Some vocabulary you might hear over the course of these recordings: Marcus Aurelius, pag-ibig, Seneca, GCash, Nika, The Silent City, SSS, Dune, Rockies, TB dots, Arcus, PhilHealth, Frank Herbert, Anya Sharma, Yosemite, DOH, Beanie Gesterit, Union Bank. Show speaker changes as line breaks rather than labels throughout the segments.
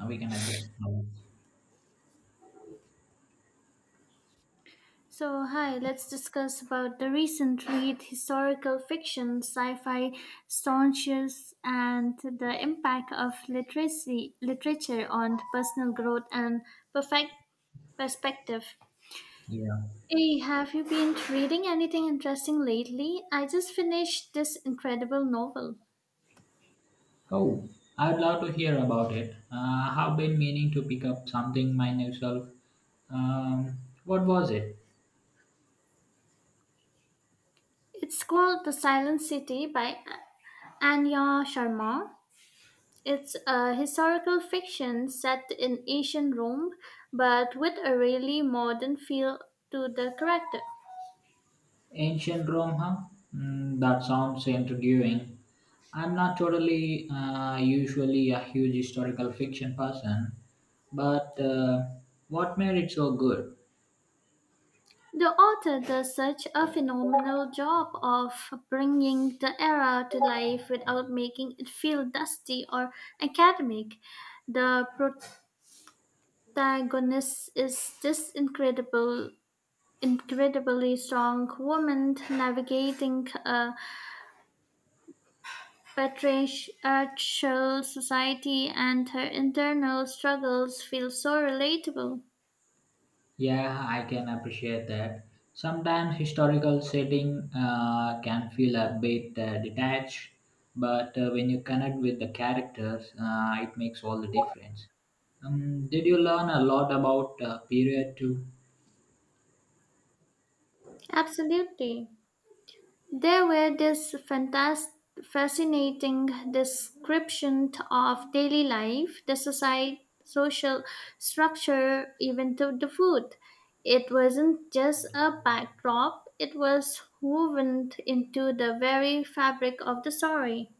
We can adjust now.
So, hi, let's discuss about the recent read historical fiction, sci-fi staunches, and the impact of literacy literature on personal growth and perfect perspective.
Yeah.
Hey, have you been reading anything interesting lately? I just finished this incredible novel.
Oh, I'd love to hear about it. I've been meaning to pick up something myself. Um, what was it?
It's called The Silent City by Anya Sharma. It's a historical fiction set in ancient Rome, but with a really modern feel to the character.
Ancient Rome, huh? Mm, that sounds intriguing. I'm not totally usually a huge historical fiction person, but what made it so good?
The author does such a phenomenal job of bringing the era to life without making it feel dusty or academic. The protagonist is this incredibly strong woman navigating a patriarchal society and her internal struggles feel so relatable.
Yeah, I can appreciate that. Sometimes historical setting can feel a bit detached, but when you connect with the characters, it makes all the difference. Did you learn a lot about period too?
Absolutely. There were this fascinating description of daily life, the society, social structure, even to the food. It wasn't just a backdrop, it was woven into the very fabric of the story.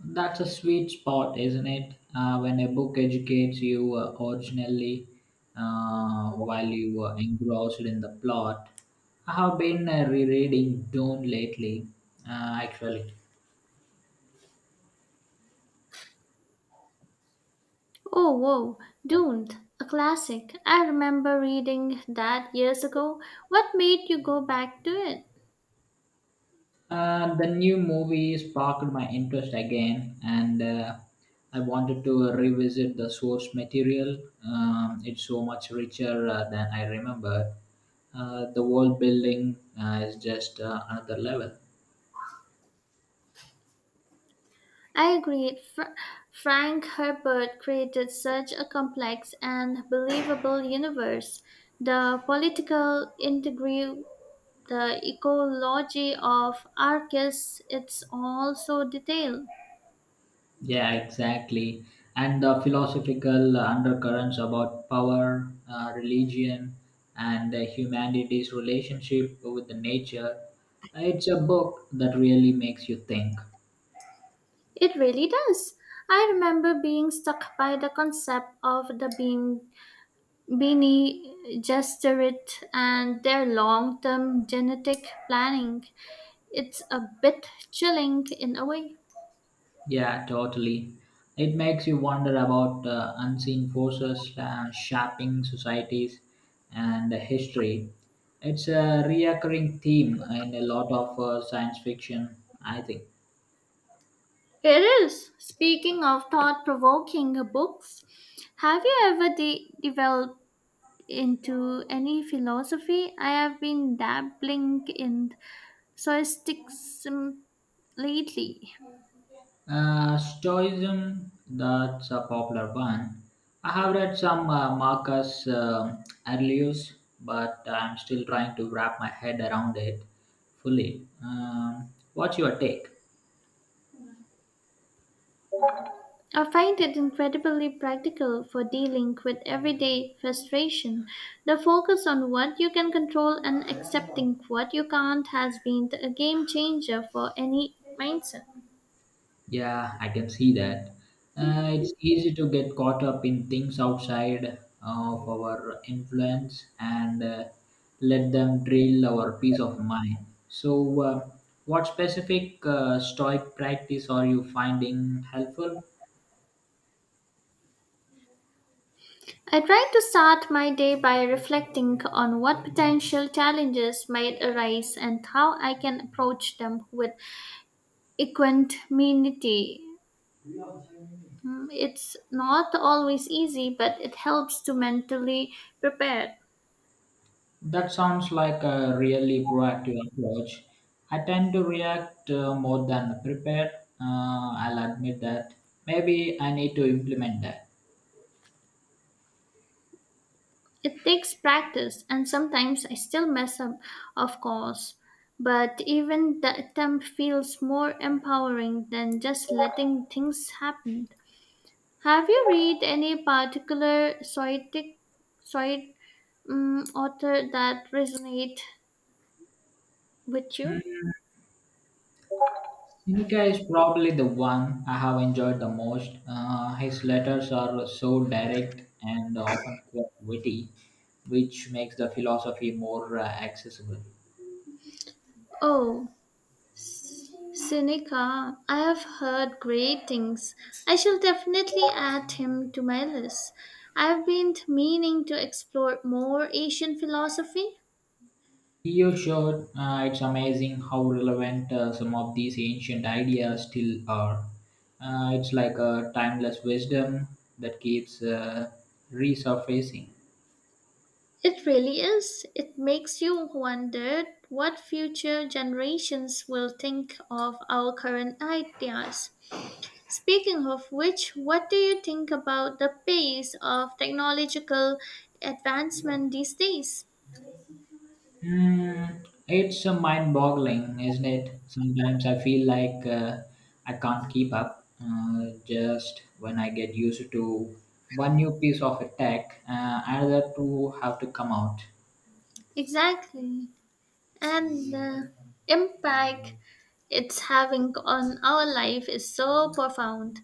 That's a sweet spot, isn't it? When a book educates you originally while you were engrossed in the plot. I have been rereading Dune lately, actually.
Oh, whoa, Doomed, a classic. I remember reading that years ago. What made you go back to it?
The new movie sparked my interest again, and I wanted to revisit the source material. It's so much richer than I remembered. The world building is just another level.
I agree. Frank Herbert created such a complex and believable universe. The political intrigue, the ecology of Arcus, it's all so detailed.
Yeah, exactly. And the philosophical undercurrents about power, religion, and humanity's relationship with the nature. It's a book that really makes you think.
It really does. I remember being struck by the concept of the beam Beanie Gesterit, and their long term genetic planning. It's a bit chilling in a way.
Yeah, totally. It makes you wonder about unseen forces shaping societies and history. It's a recurring theme in a lot of science fiction, I think.
It is. Speaking of thought provoking books, have you ever developed into any philosophy? I have been dabbling in Stoicism lately.
Stoicism, that's a popular one. I have read some Marcus Aurelius, but I'm still trying to wrap my head around it fully. What's your take?
I find it incredibly practical for dealing with everyday frustration. The focus on what you can control and accepting what you can't has been a game changer for any mindset.
Yeah, I can see that. It's easy to get caught up in things outside of our influence and let them drill our peace of mind. So, what specific stoic practice are you finding helpful?
I try to start my day by reflecting on what potential challenges might arise and how I can approach them with equanimity. It's not always easy, but it helps to mentally prepare.
That sounds like a really proactive approach. I tend to react more than prepare. I'll admit that. Maybe I need to implement that.
It takes practice, and sometimes I still mess up, of course, but even the attempt feels more empowering than just letting things happen. Have you read any particular Soitic, Soit author that resonate with you?
Nika is probably the one I have enjoyed the most. His letters are so direct and often quite witty, which makes the philosophy more accessible.
Oh, Seneca, I have heard great things. I shall definitely add him to my list. I've been meaning to explore more Asian philosophy.
You showed it's amazing how relevant some of these ancient ideas still are. It's like a timeless wisdom that keeps resurfacing.
It really is. It makes you wonder what future generations will think of our current ideas. Speaking of which, what do you think about the pace of technological advancement these days?
Mm, it's mind-boggling, isn't it? Sometimes I feel like I can't keep up. Just when I get used to one new piece of tech, another two have to come out.
Exactly. And the impact it's having on our life is so profound.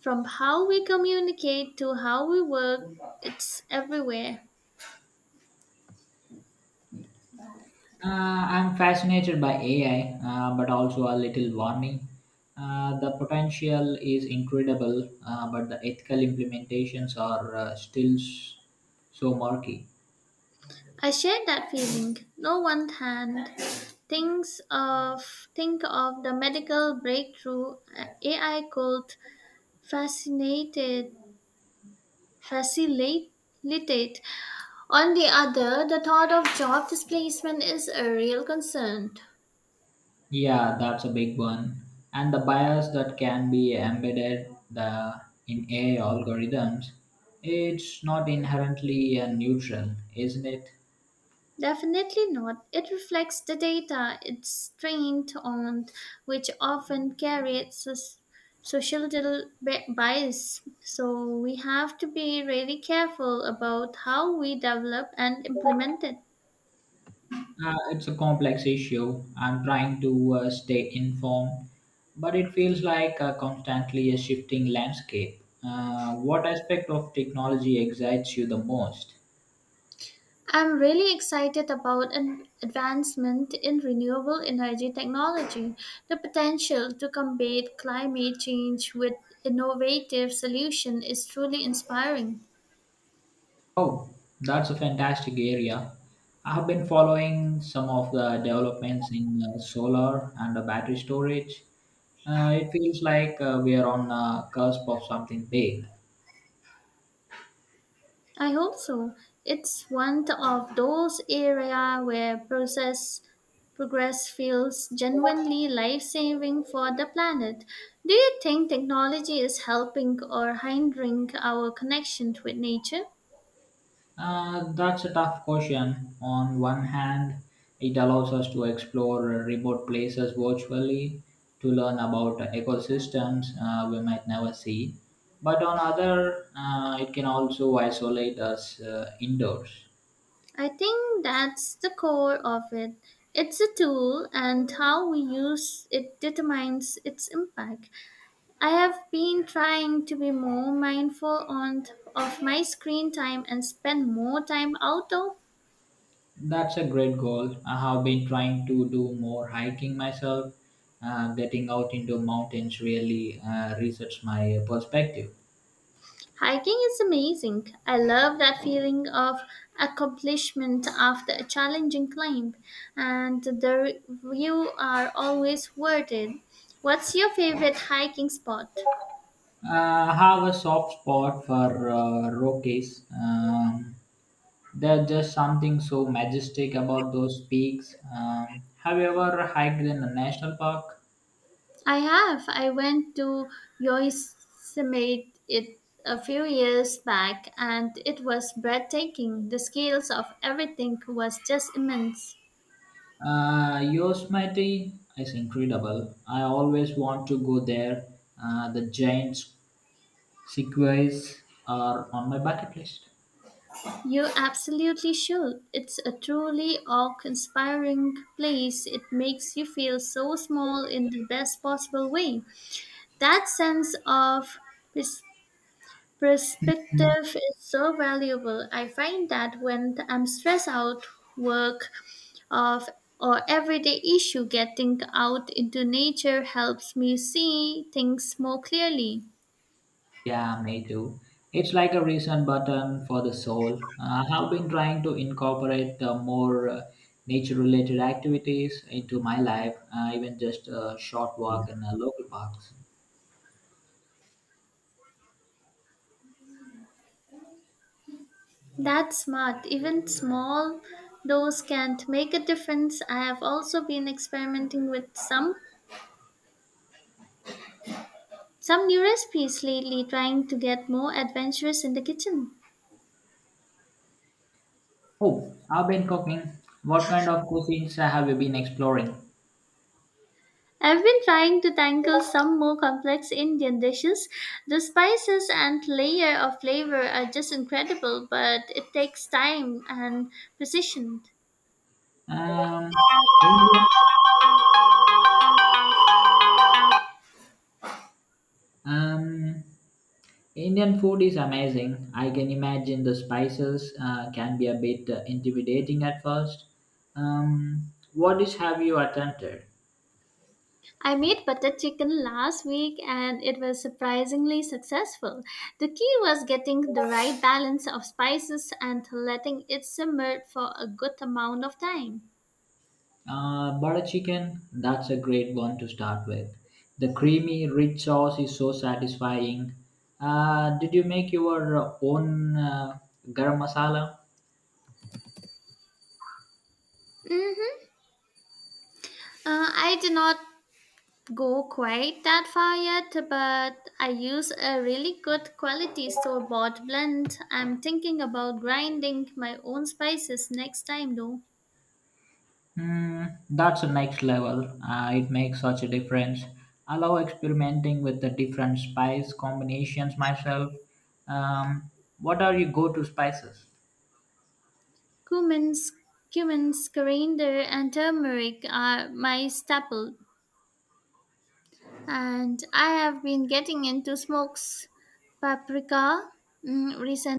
From how we communicate to how we work, it's everywhere.
I'm fascinated by AI, but also a little warning. The potential is incredible, but the ethical implementations are still so murky.
I share that feeling. No one can think of the medical breakthrough AI could fascinated facilitate. On the other, the thought of job displacement is a real concern.
Yeah, that's a big one. And the bias that can be embedded in AI algorithms, it's not inherently neutral, isn't it?
Definitely not. It reflects the data it's trained on, which often carries societal bias. So we have to be really careful about how we develop and implement it.
It's a complex issue. I'm trying to stay informed, but it feels like constantly a shifting landscape. What aspect of technology excites you the most?
I'm really excited about an advancement in renewable energy technology, the potential to combat climate change with innovative solution is truly inspiring.
Oh, that's a fantastic area. I have been following some of the developments in solar and battery storage. It feels like we are on the cusp of something big.
I hope so. It's one of those areas where process progress feels genuinely life-saving for the planet. Do you think technology is helping or hindering our connection with nature?
That's a tough question. On one hand, it allows us to explore remote places virtually to learn about ecosystems we might never see. But on other, it can also isolate us indoors.
I think that's the core of it. It's a tool, and how we use it determines its impact. I have been trying to be more mindful on of my screen time and spend more time outdoor.
That's a great goal. I have been trying to do more hiking myself. Getting out into mountains really resets my perspective.
Hiking is amazing. I love that feeling of accomplishment after a challenging climb, and the view are always worth it. What's your favorite hiking spot?
Uh, I have a soft spot for Rockies. There's just something so majestic about those peaks. Have you ever hiked in a national park?
I have. I went to Yosemite it a few years back, and it was breathtaking. The scales of everything was just immense.
Yosemite is incredible. I always want to go there. The giant sequoias are on my bucket list.
You absolutely should. It's a truly awe-inspiring place. It makes you feel so small in the best possible way. That sense of pers- perspective is so valuable. I find that when I'm stressed out, work of or everyday issue, getting out into nature helps me see things more clearly.
Yeah, me too. It's like a reason button for the soul. I have been trying to incorporate more nature-related activities into my life, even just a short walk in local parks.
That's smart. Even small dose can't make a difference. I have also been experimenting with some new recipes lately, trying to get more adventurous in the kitchen.
Oh, I've been cooking. What kind of cuisines have you been exploring?
I've been trying to tackle some more complex Indian dishes. The spices and layer of flavor are just incredible, but it takes time and precision.
Um, Indian Um, Indian food is amazing. I can imagine the spices can be a bit intimidating at first. What dish have you attempted?
I made butter chicken last week and it was surprisingly successful. The key was getting the right balance of spices and letting it simmer for a good amount of time.
Butter chicken, that's a great one to start with. The creamy, rich sauce is so satisfying. Did you make your own garam masala?
hmm I did not go quite that far yet, but I use a really good quality store bought blend. I'm thinking about grinding my own spices next time though.
Mm, that's the next level. It makes such a difference. I love experimenting with the different spice combinations myself. Um, what are your go-to spices?
Cumin, cumin, coriander, and turmeric are my staple and I have been getting into smokes paprika recently.